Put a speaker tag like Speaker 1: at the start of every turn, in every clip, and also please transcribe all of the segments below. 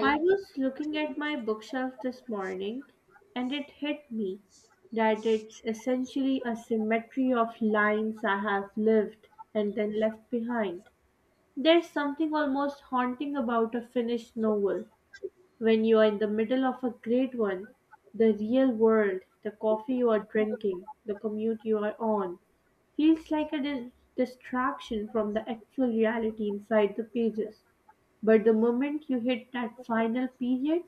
Speaker 1: I was looking at my bookshelf this morning and it hit me that it's essentially a symmetry of lines I have lived and then left behind. There's something almost haunting about a finished novel. When you are in the middle of a great one, the real world, the coffee you are drinking, the commute you are on, feels like a distraction from the actual reality inside the pages. But the moment you hit that final period,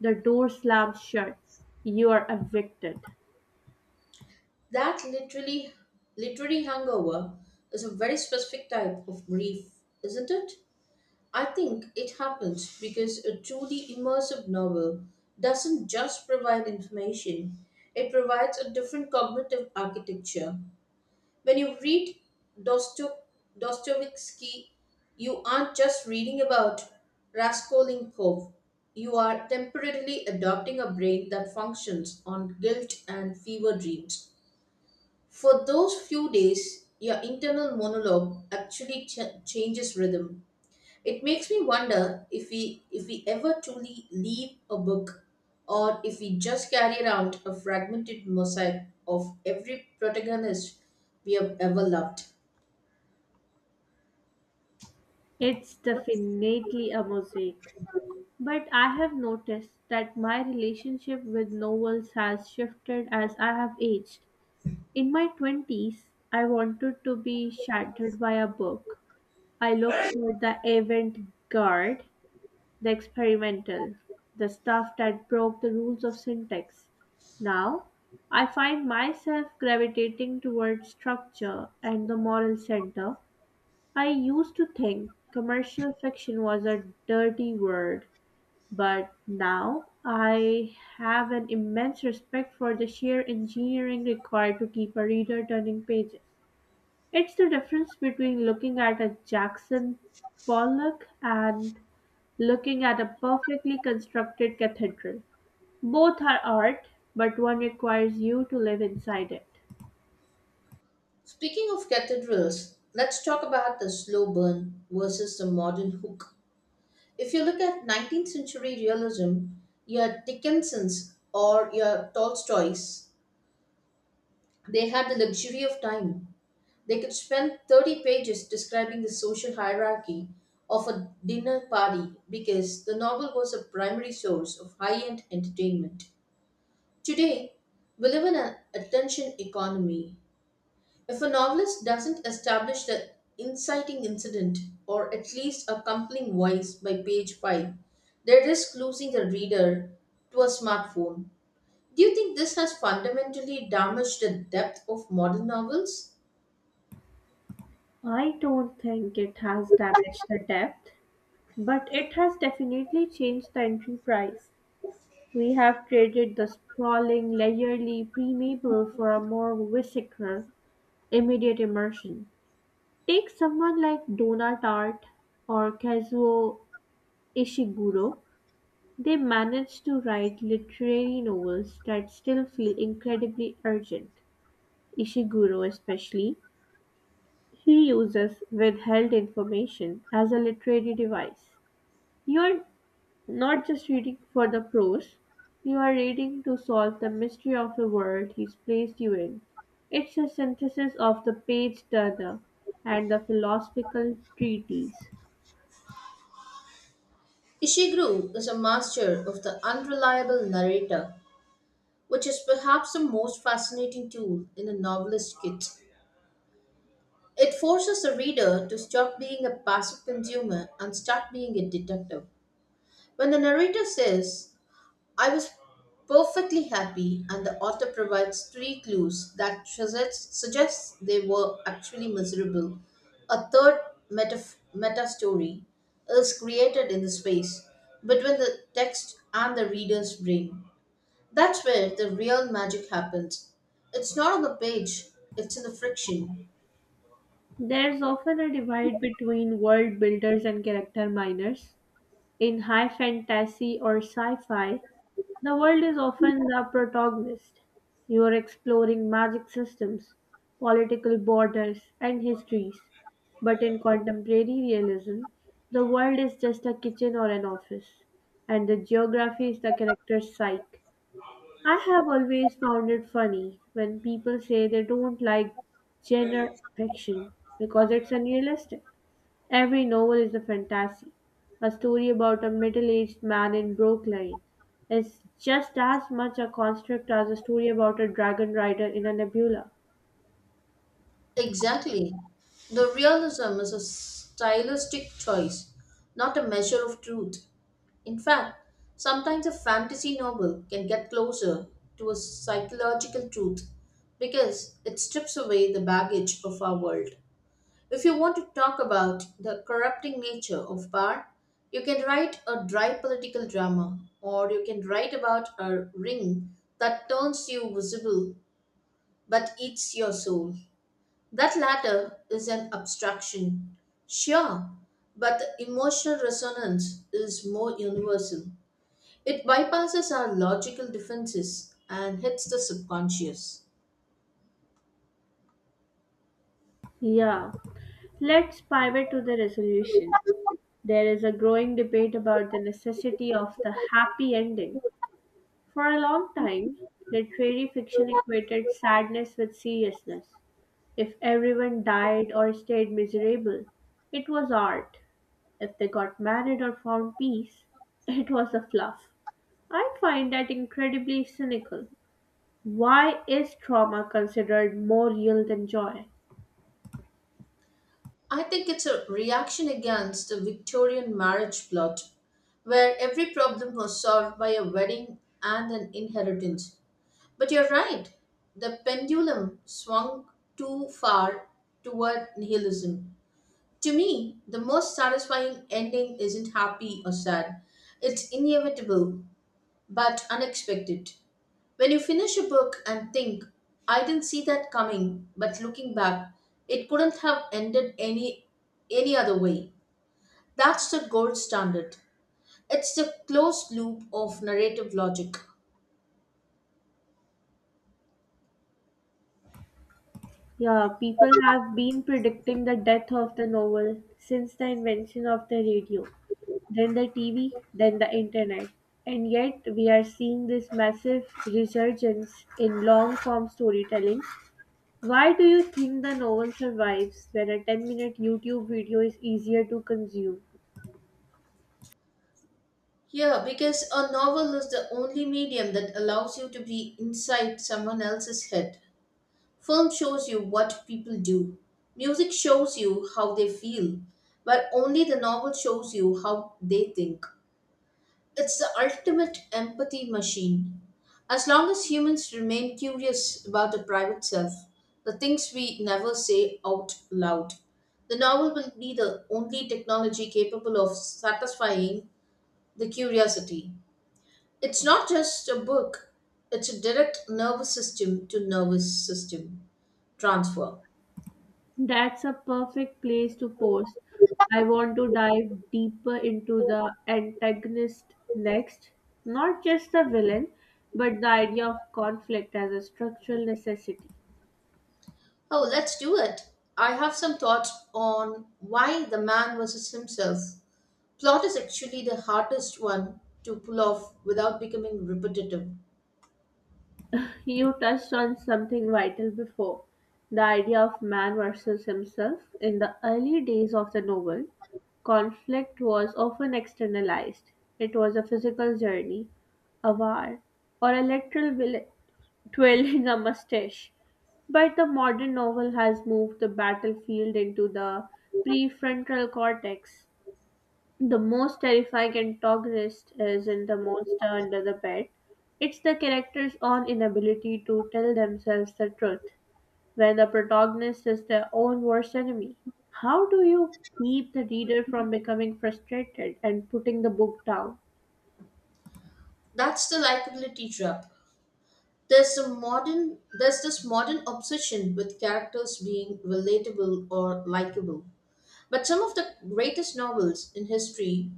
Speaker 1: the door slams shut. You are evicted.
Speaker 2: That literally literary hangover is a very specific type of grief, isn't it? I think it happens because a truly immersive novel doesn't just provide information, it provides a different cognitive architecture. When you read Dosto- Dostoevsky, you aren't just reading about Raskolnikov, you are temporarily adopting a brain that functions on guilt and fever dreams. For those few days, your internal monologue actually changes rhythm. It makes me wonder if we ever truly leave a book or if we just carry around a fragmented mosaic of every protagonist we have ever loved.
Speaker 1: It's definitely a mosaic. But I have noticed that my relationship with novels has shifted as I have aged. In my 20s, I wanted to be shattered by a book. I looked for the avant garde. The experimental, the stuff that broke the rules of syntax. Now, I find myself gravitating towards structure and the moral center. I used to think commercial fiction was a dirty word, but now I have an immense respect for the sheer engineering required to keep a reader turning pages. It's the difference between looking at a Jackson Pollock and looking at a perfectly constructed cathedral. Both are art, but one requires you to live inside it.
Speaker 2: Speaking of cathedrals, let's talk about the slow burn versus the modern hook. If you look at 19th century realism, your Dickinson's or your Tolstoy's, they had the luxury of time. They could spend 30 pages describing the social hierarchy of a dinner party because the novel was a primary source of high end entertainment. Today, we live in an attention economy. If a novelist doesn't establish the inciting incident or at least a compelling voice by page 5, they risk losing the reader to a smartphone. Do you think this has fundamentally damaged the depth of modern novels?
Speaker 1: I don't think it has damaged the depth, but it has definitely changed the entry price. We have traded the sprawling, layerly pre-maple for a more visceral, immediate immersion. Take someone like Donna Tartt or Kazuo Ishiguro. They managed to write literary novels that still feel incredibly urgent, Ishiguro especially. He uses withheld information as a literary device. You are not just reading for the prose, you are reading to solve the mystery of the world he's placed you in. It's a synthesis of the page turner and the philosophical treatise.
Speaker 2: Ishiguro is a master of the unreliable narrator, which is perhaps the most fascinating tool in a novelist's kit. It forces the reader to stop being a passive consumer and start being a detective. When the narrator says, I was perfectly happy, and the author provides three clues that suggests they were actually miserable. A third meta, meta story is created in the space between the text and the reader's brain. That's where the real magic happens. It's not on the page, it's in the friction.
Speaker 1: There's often a divide between world builders and character miners. In high fantasy or sci fi, the world is often the protagonist. You are exploring magic systems, political borders, and histories. But in contemporary realism, the world is just a kitchen or an office, and the geography is the character's psyche. I have always found it funny when people say they don't like genre fiction because it's unrealistic. Every novel is a fantasy. A story about a middle aged man in Brooklyn It's just as much a construct as a story about a dragon rider in a nebula.
Speaker 2: Exactly. The realism is a stylistic choice, not a measure of truth. In fact, sometimes a fantasy novel can get closer to a psychological truth because it strips away the baggage of our world. If you want to talk about the corrupting nature of power, you can write a dry political drama, or you can write about a ring that turns you visible but eats your soul. That latter is an abstraction. Sure, but the emotional resonance is more universal. It bypasses our logical defenses and hits the subconscious.
Speaker 1: Yeah. Let's pivot to the resolution. There is a growing debate about the necessity of the happy ending. For a long time, literary fiction equated sadness with seriousness. If everyone died or stayed miserable, it was art. If they got married or found peace, it was a fluff. I find that incredibly cynical. Why is trauma considered more real than joy?
Speaker 2: I think it's a reaction against the Victorian marriage plot, where every problem was solved by a wedding and an inheritance. But you're right, the pendulum swung too far toward nihilism. To me, the most satisfying ending isn't happy or sad, it's inevitable but unexpected. When you finish a book and think, I didn't see that coming, but looking back, it couldn't have ended any other way. That's the gold standard. It's the closed loop of narrative logic.
Speaker 1: Yeah, people have been predicting the death of the novel since the invention of the radio, then the TV, then the internet. And yet, we are seeing this massive resurgence in long form storytelling. Why do you think the novel survives when a 10-minute minute YouTube video is easier to consume?
Speaker 2: Yeah, because a novel is the only medium that allows you to be inside someone else's head. Film shows you what people do. Music shows you how they feel, but only the novel shows you how they think. It's the ultimate empathy machine. As long as humans remain curious about the private self, the things we never say out loud, the novel will be the only technology capable of satisfying the curiosity. It's not just a book, it's a direct nervous system to nervous system transfer.
Speaker 1: That's a perfect place to pause. I want to dive deeper into the antagonist next, not just the villain, but the idea of conflict as a structural necessity.
Speaker 2: Oh, let's do it. I have some thoughts on why the man versus himself plot is actually the hardest one to pull off without becoming repetitive.
Speaker 1: You touched on something vital before, the idea of man versus himself. In the early days of the novel, conflict was often externalized. It was a physical journey, a war, or a literal twirling a mustache. But the modern novel has moved the battlefield into the prefrontal cortex. The most terrifying antagonist isn't the monster under the bed, it's the character's own inability to tell themselves the truth, when the protagonist is their own worst enemy. How do you keep the reader from becoming frustrated and putting the book down?
Speaker 2: That's the likability trap. There's a modern there's this modern obsession with characters being relatable or likable. But some of the greatest novels in history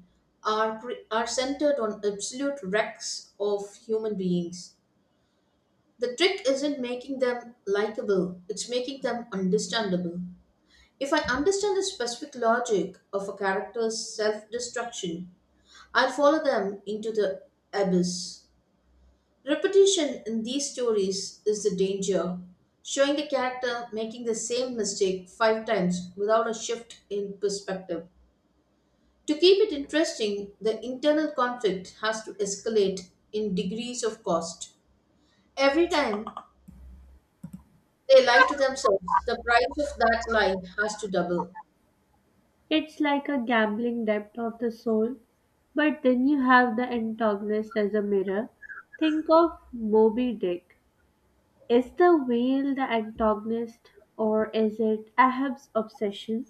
Speaker 2: are centered on absolute wrecks of human beings. The trick isn't making them likable, it's making them understandable. If I understand the specific logic of a character's self destruction, I follow them into the abyss. Repetition in these stories is the danger. Showing the character making the same mistake five times without a shift in perspective. To keep it interesting, the internal conflict has to escalate in degrees of cost. Every time they lie to themselves, the price of that lie has to double.
Speaker 1: It's like a gambling debt of the soul, but then you have the antagonist as a mirror. Think of Moby Dick. Is the whale the antagonist or is it Ahab's obsession?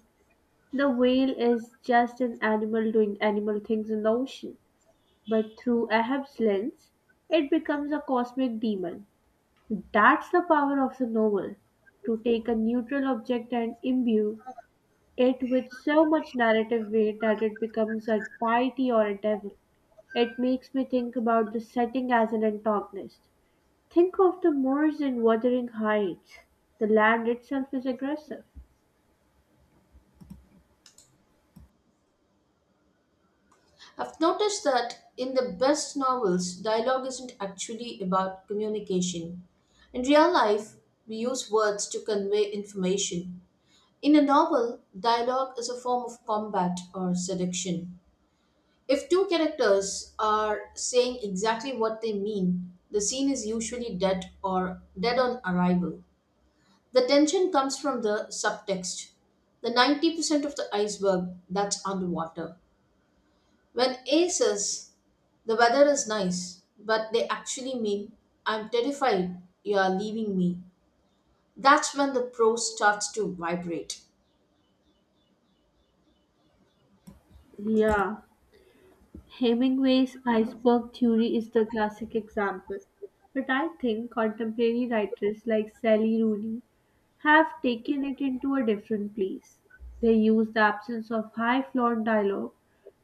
Speaker 1: The whale is just an animal doing animal things in the ocean, but through Ahab's lens, it becomes a cosmic demon. That's the power of the novel, to take a neutral object and imbue it with so much narrative weight that it becomes a deity or a devil. It makes me think about the setting as an antagonist. Think of the moors in Wuthering Heights. The land itself is aggressive.
Speaker 2: I've noticed that in the best novels, dialogue isn't actually about communication. In real life, we use words to convey information. In a novel, dialogue is a form of combat or seduction. If two characters are saying exactly what they mean, the scene is usually dead or dead on arrival. The tension comes from the subtext, the 90% of the iceberg that's underwater. When A says, the weather is nice, but they actually mean, I'm terrified you are leaving me. That's when the prose starts to vibrate.
Speaker 1: Yeah, Hemingway's iceberg theory is the classic example. But I think contemporary writers like Sally Rooney have taken it into a different place. They use the absence of high flown dialogue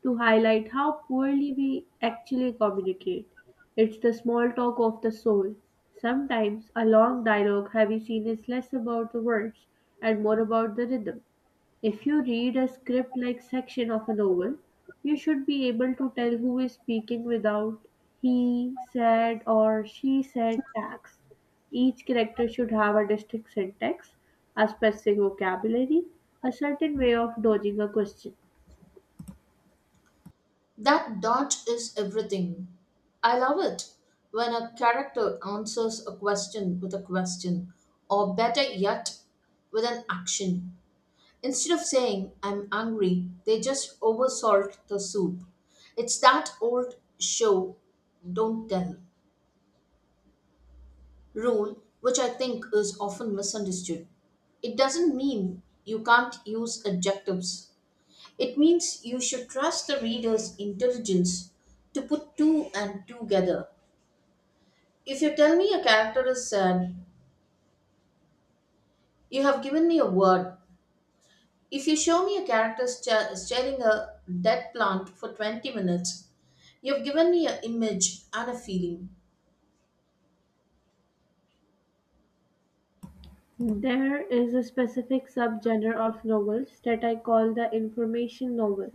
Speaker 1: to highlight how poorly we actually communicate. It's the small talk of the soul. Sometimes a long dialogue heavy scene is less about the words and more about the rhythm. If you read a script like section of a novel, you should be able to tell who is speaking without he said or she said tags. Each character should have a distinct syntax, a specific vocabulary, a certain way of dodging a question.
Speaker 2: That dot is everything. I love it when a character answers a question with a question, or better yet, with an action. Instead of saying, I'm angry, they just oversalt the soup. It's that old show, don't tell rule, which I think is often misunderstood. It doesn't mean you can't use adjectives. It means you should trust the reader's intelligence to put two and two together. If you tell me a character is sad, you have given me a word. If you show me a character staring a dead plant for 20 minutes, you have given me an image and a feeling.
Speaker 1: There is a specific subgenre of novels that I call the information novel.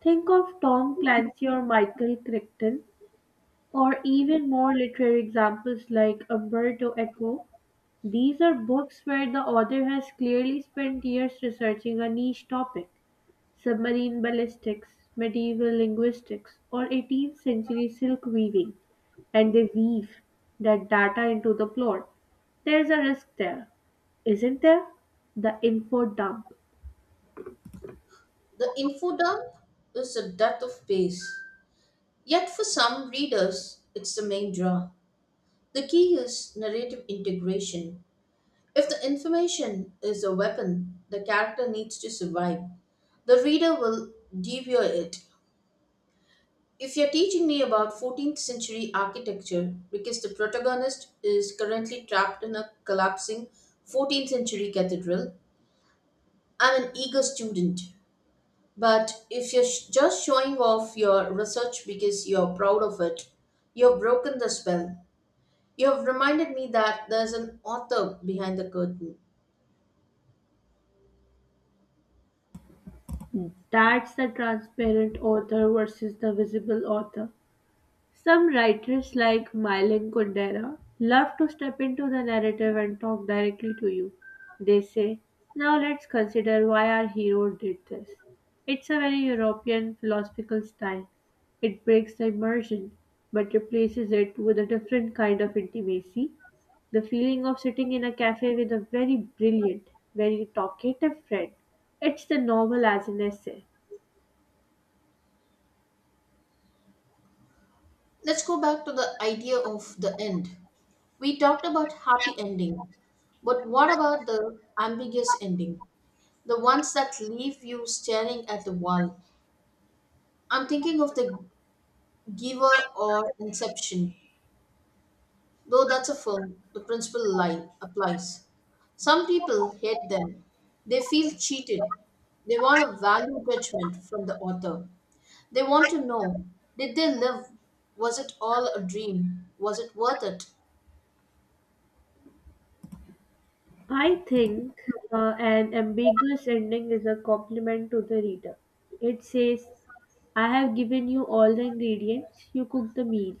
Speaker 1: Think of Tom Clancy or Michael Crichton, or even more literary examples like Umberto Eco. These are books where the author has clearly spent years researching a niche topic. Submarine ballistics, medieval linguistics, or 18th century silk weaving, and they weave that data into the plot. There's a risk there, isn't there? The info dump.
Speaker 2: The info dump is the death of pace. Yet for some readers, it's the main draw. The key is narrative integration. If the information is a weapon, the character needs to survive. The reader will devour it. If you're teaching me about 14th century architecture because the protagonist is currently trapped in a collapsing 14th century cathedral, I'm an eager student. But if just showing off your research because you're proud of it, you've broken the spell. You have reminded me that there's an author behind the curtain.
Speaker 1: That's the transparent author versus the visible author. Some writers like Milan Kundera love to step into the narrative and talk directly to you. They say, now let's consider why our hero did this. It's a very European philosophical style. It breaks the immersion, but replaces it with a different kind of intimacy. The feeling of sitting in a cafe with a very brilliant, very talkative friend. It's the novel as an essay.
Speaker 2: Let's go back to the idea of the end. We talked about happy ending, but what about the ambiguous ending? The ones that leave you staring at the wall. I'm thinking of the giver or inception. Though that's a film, the principle lie applies. Some people hate them. They feel cheated. They want a value judgment from the author. They want to know, did they live? Was it all a dream? Was it worth it?
Speaker 1: I think an ambiguous ending is a compliment to the reader. It says, I have given you all the ingredients, you cook the meal.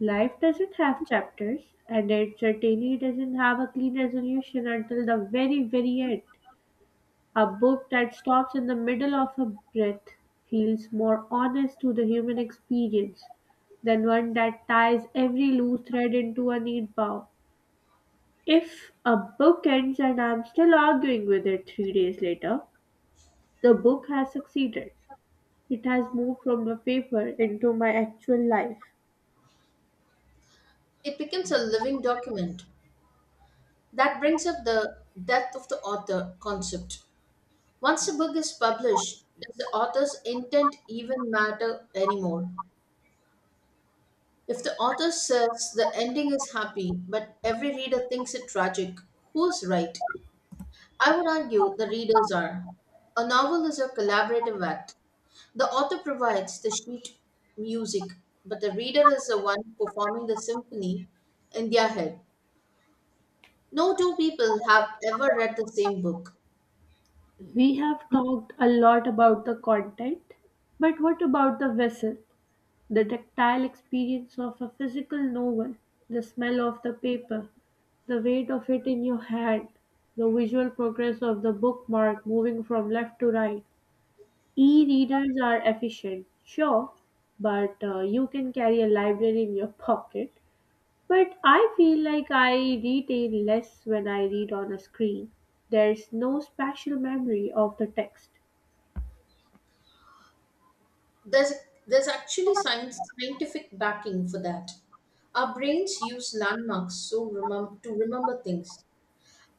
Speaker 1: Life doesn't have chapters, and it certainly doesn't have a clean resolution until the very, very end. A book that stops in the middle of a breath feels more honest to the human experience than one that ties every loose thread into a neat bow. If a book ends and I'm still arguing with it 3 days later, the book has succeeded. It has moved from the paper into my actual life.
Speaker 2: It becomes a living document. That brings up the death of the author concept. Once a book is published, does the author's intent even matter anymore? If the author says the ending is happy, but every reader thinks it tragic, who's right? I would argue the readers are. A novel is a collaborative act. The author provides the sheet music, but the reader is the one performing the symphony in their head. No two people have ever read the same book.
Speaker 1: We have talked a lot about the content, but what about the vessel, the tactile experience of a physical novel, the smell of the paper, the weight of it in your hand, the visual progress of the bookmark moving from left to right? E-readers are efficient, sure, but you can carry a library in your pocket. But I feel like I retain less when I read on a screen. There's no spatial memory of the text.
Speaker 2: There's, there's actually scientific backing for that. Our brains use landmarks to remember things.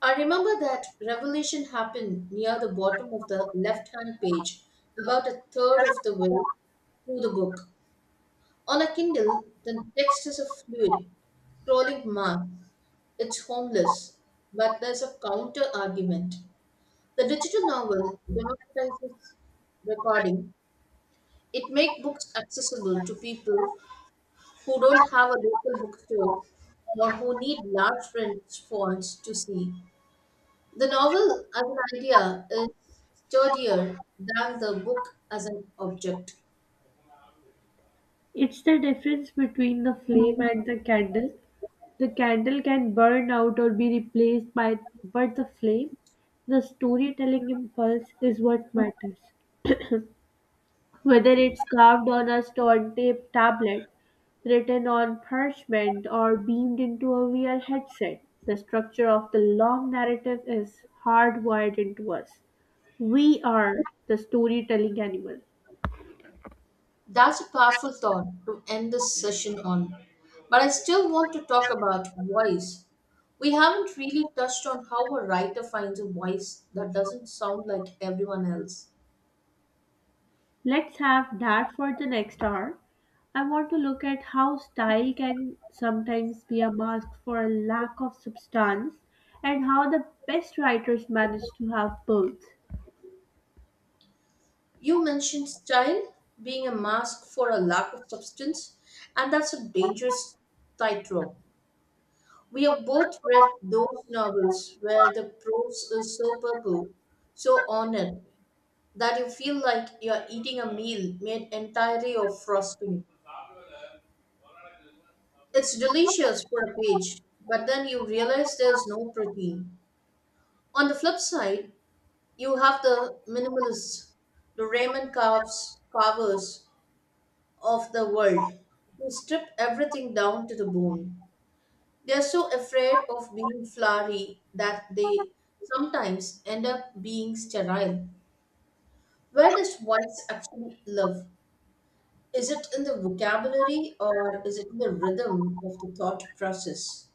Speaker 2: I remember that revelation happened near the bottom of the left hand page, about a third of the way through the book. On a Kindle, the text is a fluid, scrolling mass. It's homeless, but there's a counter argument. The digital novel democratizes recording. It makes books accessible to people who don't have a local bookstore or who need large print fonts to see. The novel as an idea is sturdier than the book as an object.
Speaker 1: It's the difference between the flame and the candle. The candle can burn out or be replaced by, but the flame, the storytelling impulse is what matters. Whether it's carved on a stone tape tablet, written on parchment, or beamed into a VR headset, the structure of the long narrative is hardwired into us. We are the storytelling animal.
Speaker 2: That's a powerful thought to end this session on. But I still want to talk about voice. We haven't really touched on how a writer finds a voice that doesn't sound like everyone else.
Speaker 1: Let's have that for the next hour. I want to look at how style can sometimes be a mask for a lack of substance and how the best writers manage to have both.
Speaker 2: You mentioned style being a mask for a lack of substance, and that's a dangerous tightrope. We have both read those novels where the prose is so purple, so ornate, that you feel like you're eating a meal made entirely of frosting. It's delicious for a page, but then you realize there's no protein. On the flip side, you have the minimalists, the carvers of the world who strip everything down to the bone. They are so afraid of being flowery that they sometimes end up being sterile. Where does whites actually live? Is it in the vocabulary or is it in the rhythm of the thought process?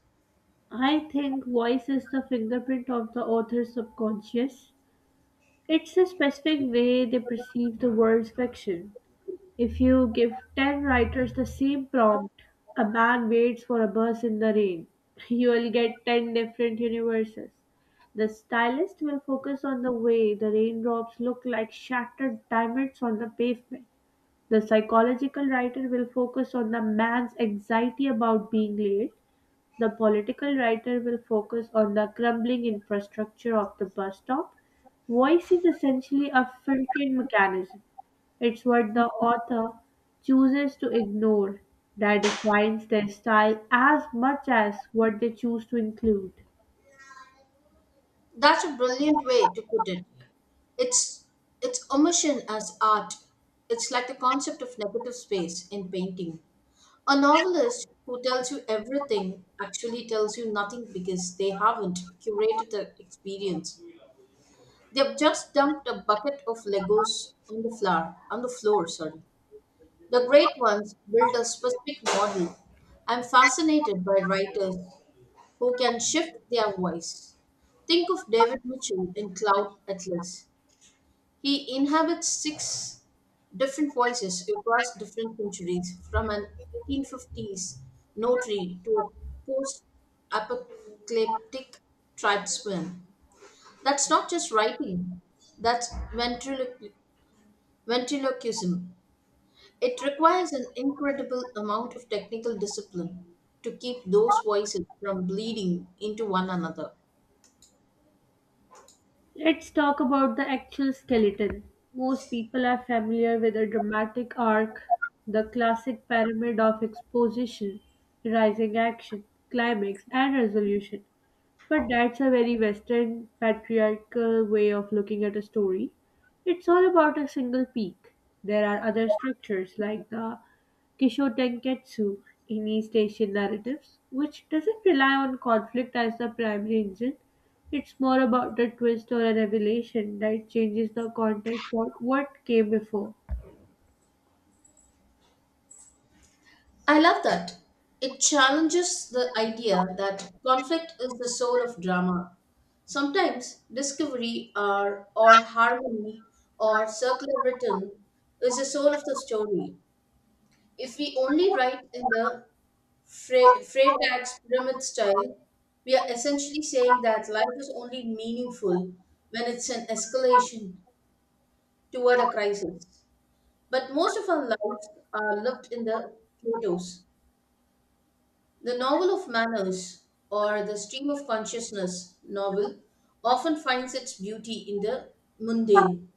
Speaker 1: I think voice is the fingerprint of the author's subconscious. It's a specific way they perceive the world's fiction. If you give 10 writers the same prompt, a man waits for a bus in the rain, you will get 10 different universes. The stylist will focus on the way the raindrops look like shattered diamonds on the pavement. The psychological writer will focus on the man's anxiety about being late, the political writer will focus on the crumbling infrastructure of the bus stop. Voice is essentially a filtering mechanism. It's what the author chooses to ignore that defines their style as much as what they choose to include.
Speaker 2: That's a brilliant way to put it. It's it's immersion as art. It's like the concept of negative space in painting. A novelist who tells you everything actually tells you nothing because they haven't curated the experience. They've just dumped a bucket of Legos on the floor, sorry. The great ones build a specific model. I'm fascinated by writers who can shift their voice. Think of David Mitchell in Cloud Atlas. He inhabits six different voices across different centuries, from an 1850s notary to a post apocalyptic tribesman. That's not just writing, that's ventriloquism. It requires an incredible amount of technical discipline to keep those voices from bleeding into one another.
Speaker 1: Let's talk about the actual skeleton. Most people are familiar with a dramatic arc, the classic pyramid of exposition, rising action, climax, and resolution. But that's a very Western patriarchal way of looking at a story. It's all about a single peak. There are other structures like the Kisho Tenketsu in East Asian narratives, which doesn't rely on conflict as the primary engine. It's more about a twist or a revelation that changes the context of what came before.
Speaker 2: I love that. It challenges the idea that conflict is the soul of drama. Sometimes discovery or harmony or circular rhythm is the soul of the story. If we only write in the Freytag's pyramid style, we are essentially saying that life is only meaningful when it's an escalation toward a crisis. But most of our lives are lived in the Plato's. The novel of manners or the stream of consciousness novel often finds its beauty in the mundane.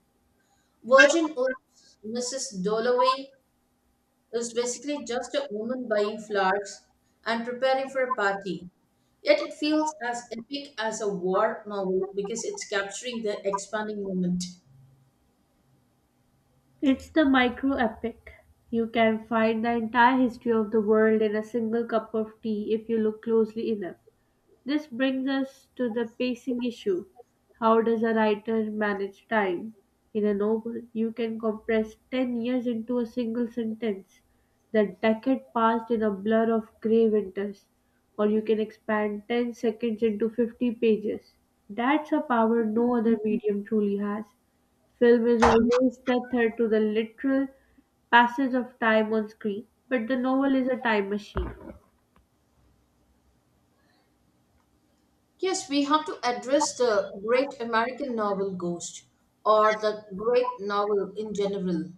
Speaker 2: Virgin Oath's Mrs. Dalloway is basically just a woman buying flowers and preparing for a party. Yet it feels as epic as a war novel because it's capturing the expanding moment.
Speaker 1: It's the micro epic. You can find the entire history of the world in a single cup of tea if you look closely enough. This brings us to the pacing issue. How does a writer manage time? In a novel, you can compress 10 years into a single sentence. The decade passed in a blur of grey winters. Or you can expand 10 seconds into 50 pages. That's a power no other medium truly has. Film is always tethered to the literal passage of time on screen, but the novel is a time machine.
Speaker 2: Yes, we have to address the great American novel Ghost or the great novel in general.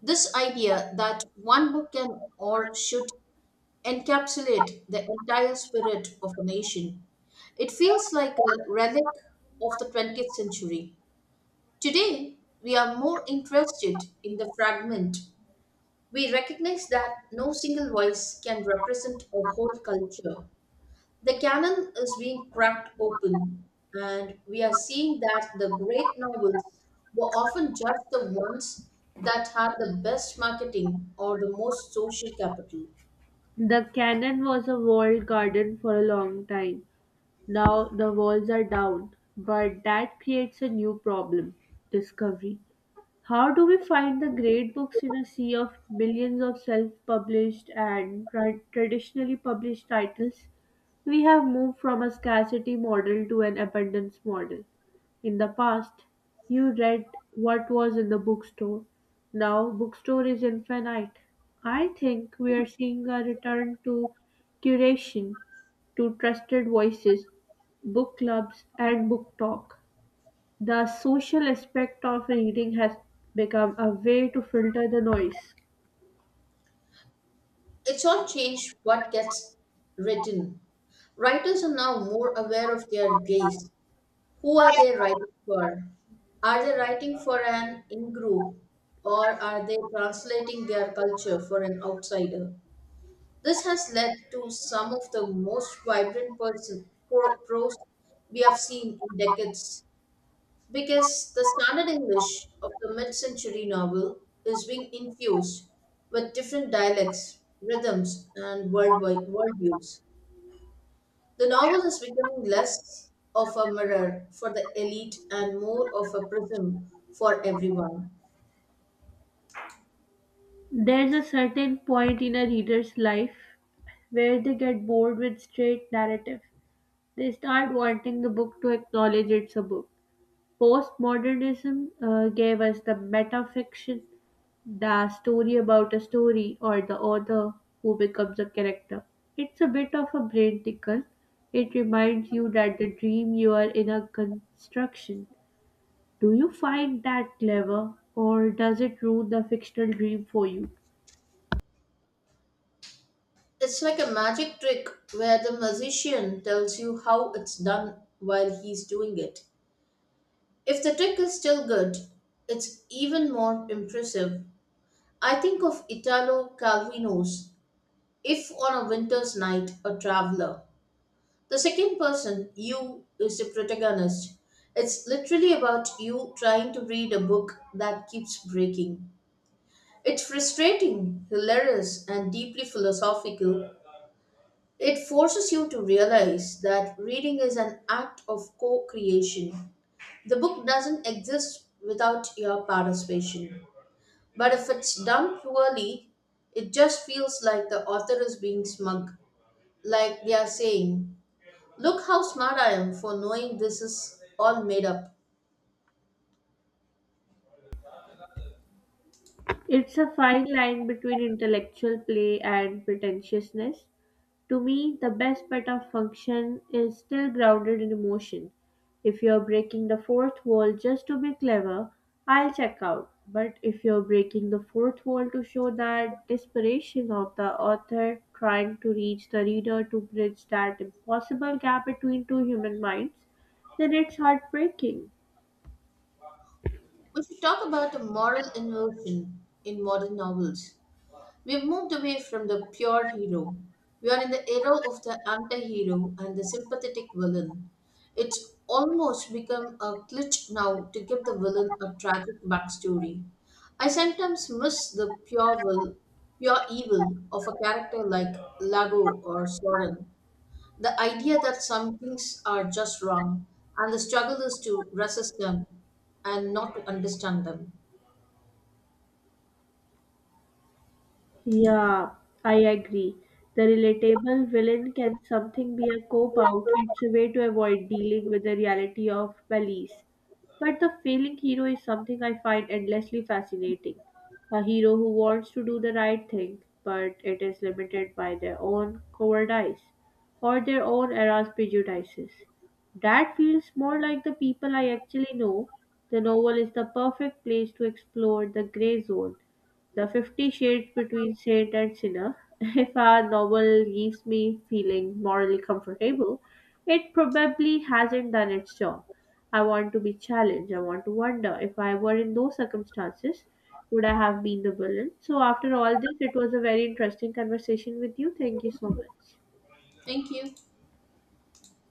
Speaker 2: This idea that one book can or should encapsulate the entire spirit of a nation, it feels like a relic of the 20th century. Today, we are more interested in the fragment. We recognize that no single voice can represent a whole culture. The canon is being cracked open, and we are seeing that the great novels were often just the ones that had the best marketing or the most social capital.
Speaker 1: The cannon was a walled garden for a long time. Now the walls are down, but that creates a new problem, discovery. How do we find the great books in a sea of millions of self published and traditionally published titles? We have moved from a scarcity model to an abundance model. In the past, you read what was in the bookstore. Now, bookstore is infinite. I think we are seeing a return to curation, to trusted voices, book clubs, and book talk. The social aspect of reading has become a way to filter the noise.
Speaker 2: It's all changed what gets written. Writers are now more aware of their gaze. Who are they writing for? Are they writing for an in group or are they translating their culture for an outsider? This has led to some of the most vibrant prose we have seen in decades because the standard English of the mid century novel is being infused with different dialects, rhythms, and worldwide worldviews. The novel is becoming less of a mirror for the elite and more of a prism for everyone.
Speaker 1: There's a certain point in a reader's life where they get bored with straight narrative. They start wanting the book to acknowledge it's a book. Postmodernism gave us the metafiction, the story about a story or the author who becomes a character. It's a bit of a brain tickle. It reminds you that the dream you are in a construction. Do you find that clever or does it ruin the fictional dream for you?
Speaker 2: It's like a magic trick where the magician tells you how it's done while he's doing it. If the trick is still good, it's even more impressive. I think of Italo Calvino's If on a Winter's Night, a Traveler. The second person, you, is the protagonist. It's literally about you trying to read a book that keeps breaking. It's frustrating, hilarious, and deeply philosophical. It forces you to realize that reading is an act of co creation. The book doesn't exist without your participation. But if it's done poorly, it just feels like the author is being smug, like they are saying, Look how smart I am for knowing this is all made up.
Speaker 1: It's a fine line between intellectual play and pretentiousness. To me, the best bit of function is still grounded in emotion. If you're breaking the fourth wall just to be clever, I'll check out. But if you're breaking the fourth wall to show that desperation of the author trying to reach the reader to bridge that impossible gap between two human minds, then it's heartbreaking.
Speaker 2: We should talk about a moral inversion in modern novels. We've moved away from the pure hero. We are in the era of the anti-hero and the sympathetic villain. It's almost become a glitch now to give the villain a tragic backstory. I sometimes miss the pure evil of a character like Lago or Soren. The idea that some things are just wrong and the struggle is to resist them and not to understand them.
Speaker 1: Yeah, I agree. The relatable villain can something be a cop out. It's a way to avoid dealing with the reality of police. But the failing hero is something I find endlessly fascinating. A hero who wants to do the right thing, but it is limited by their own cowardice or their own era's prejudices. That feels more like the people I actually know. The novel is the perfect place to explore the gray zone, the 50 Shades between saint and sinner. If a novel leaves me feeling morally comfortable, it probably hasn't done its job. I want to be challenged. I want to wonder if I were in those circumstances, would I have been the villain? So, after all this, it was a very interesting conversation with you. Thank you so much.
Speaker 2: Thank you.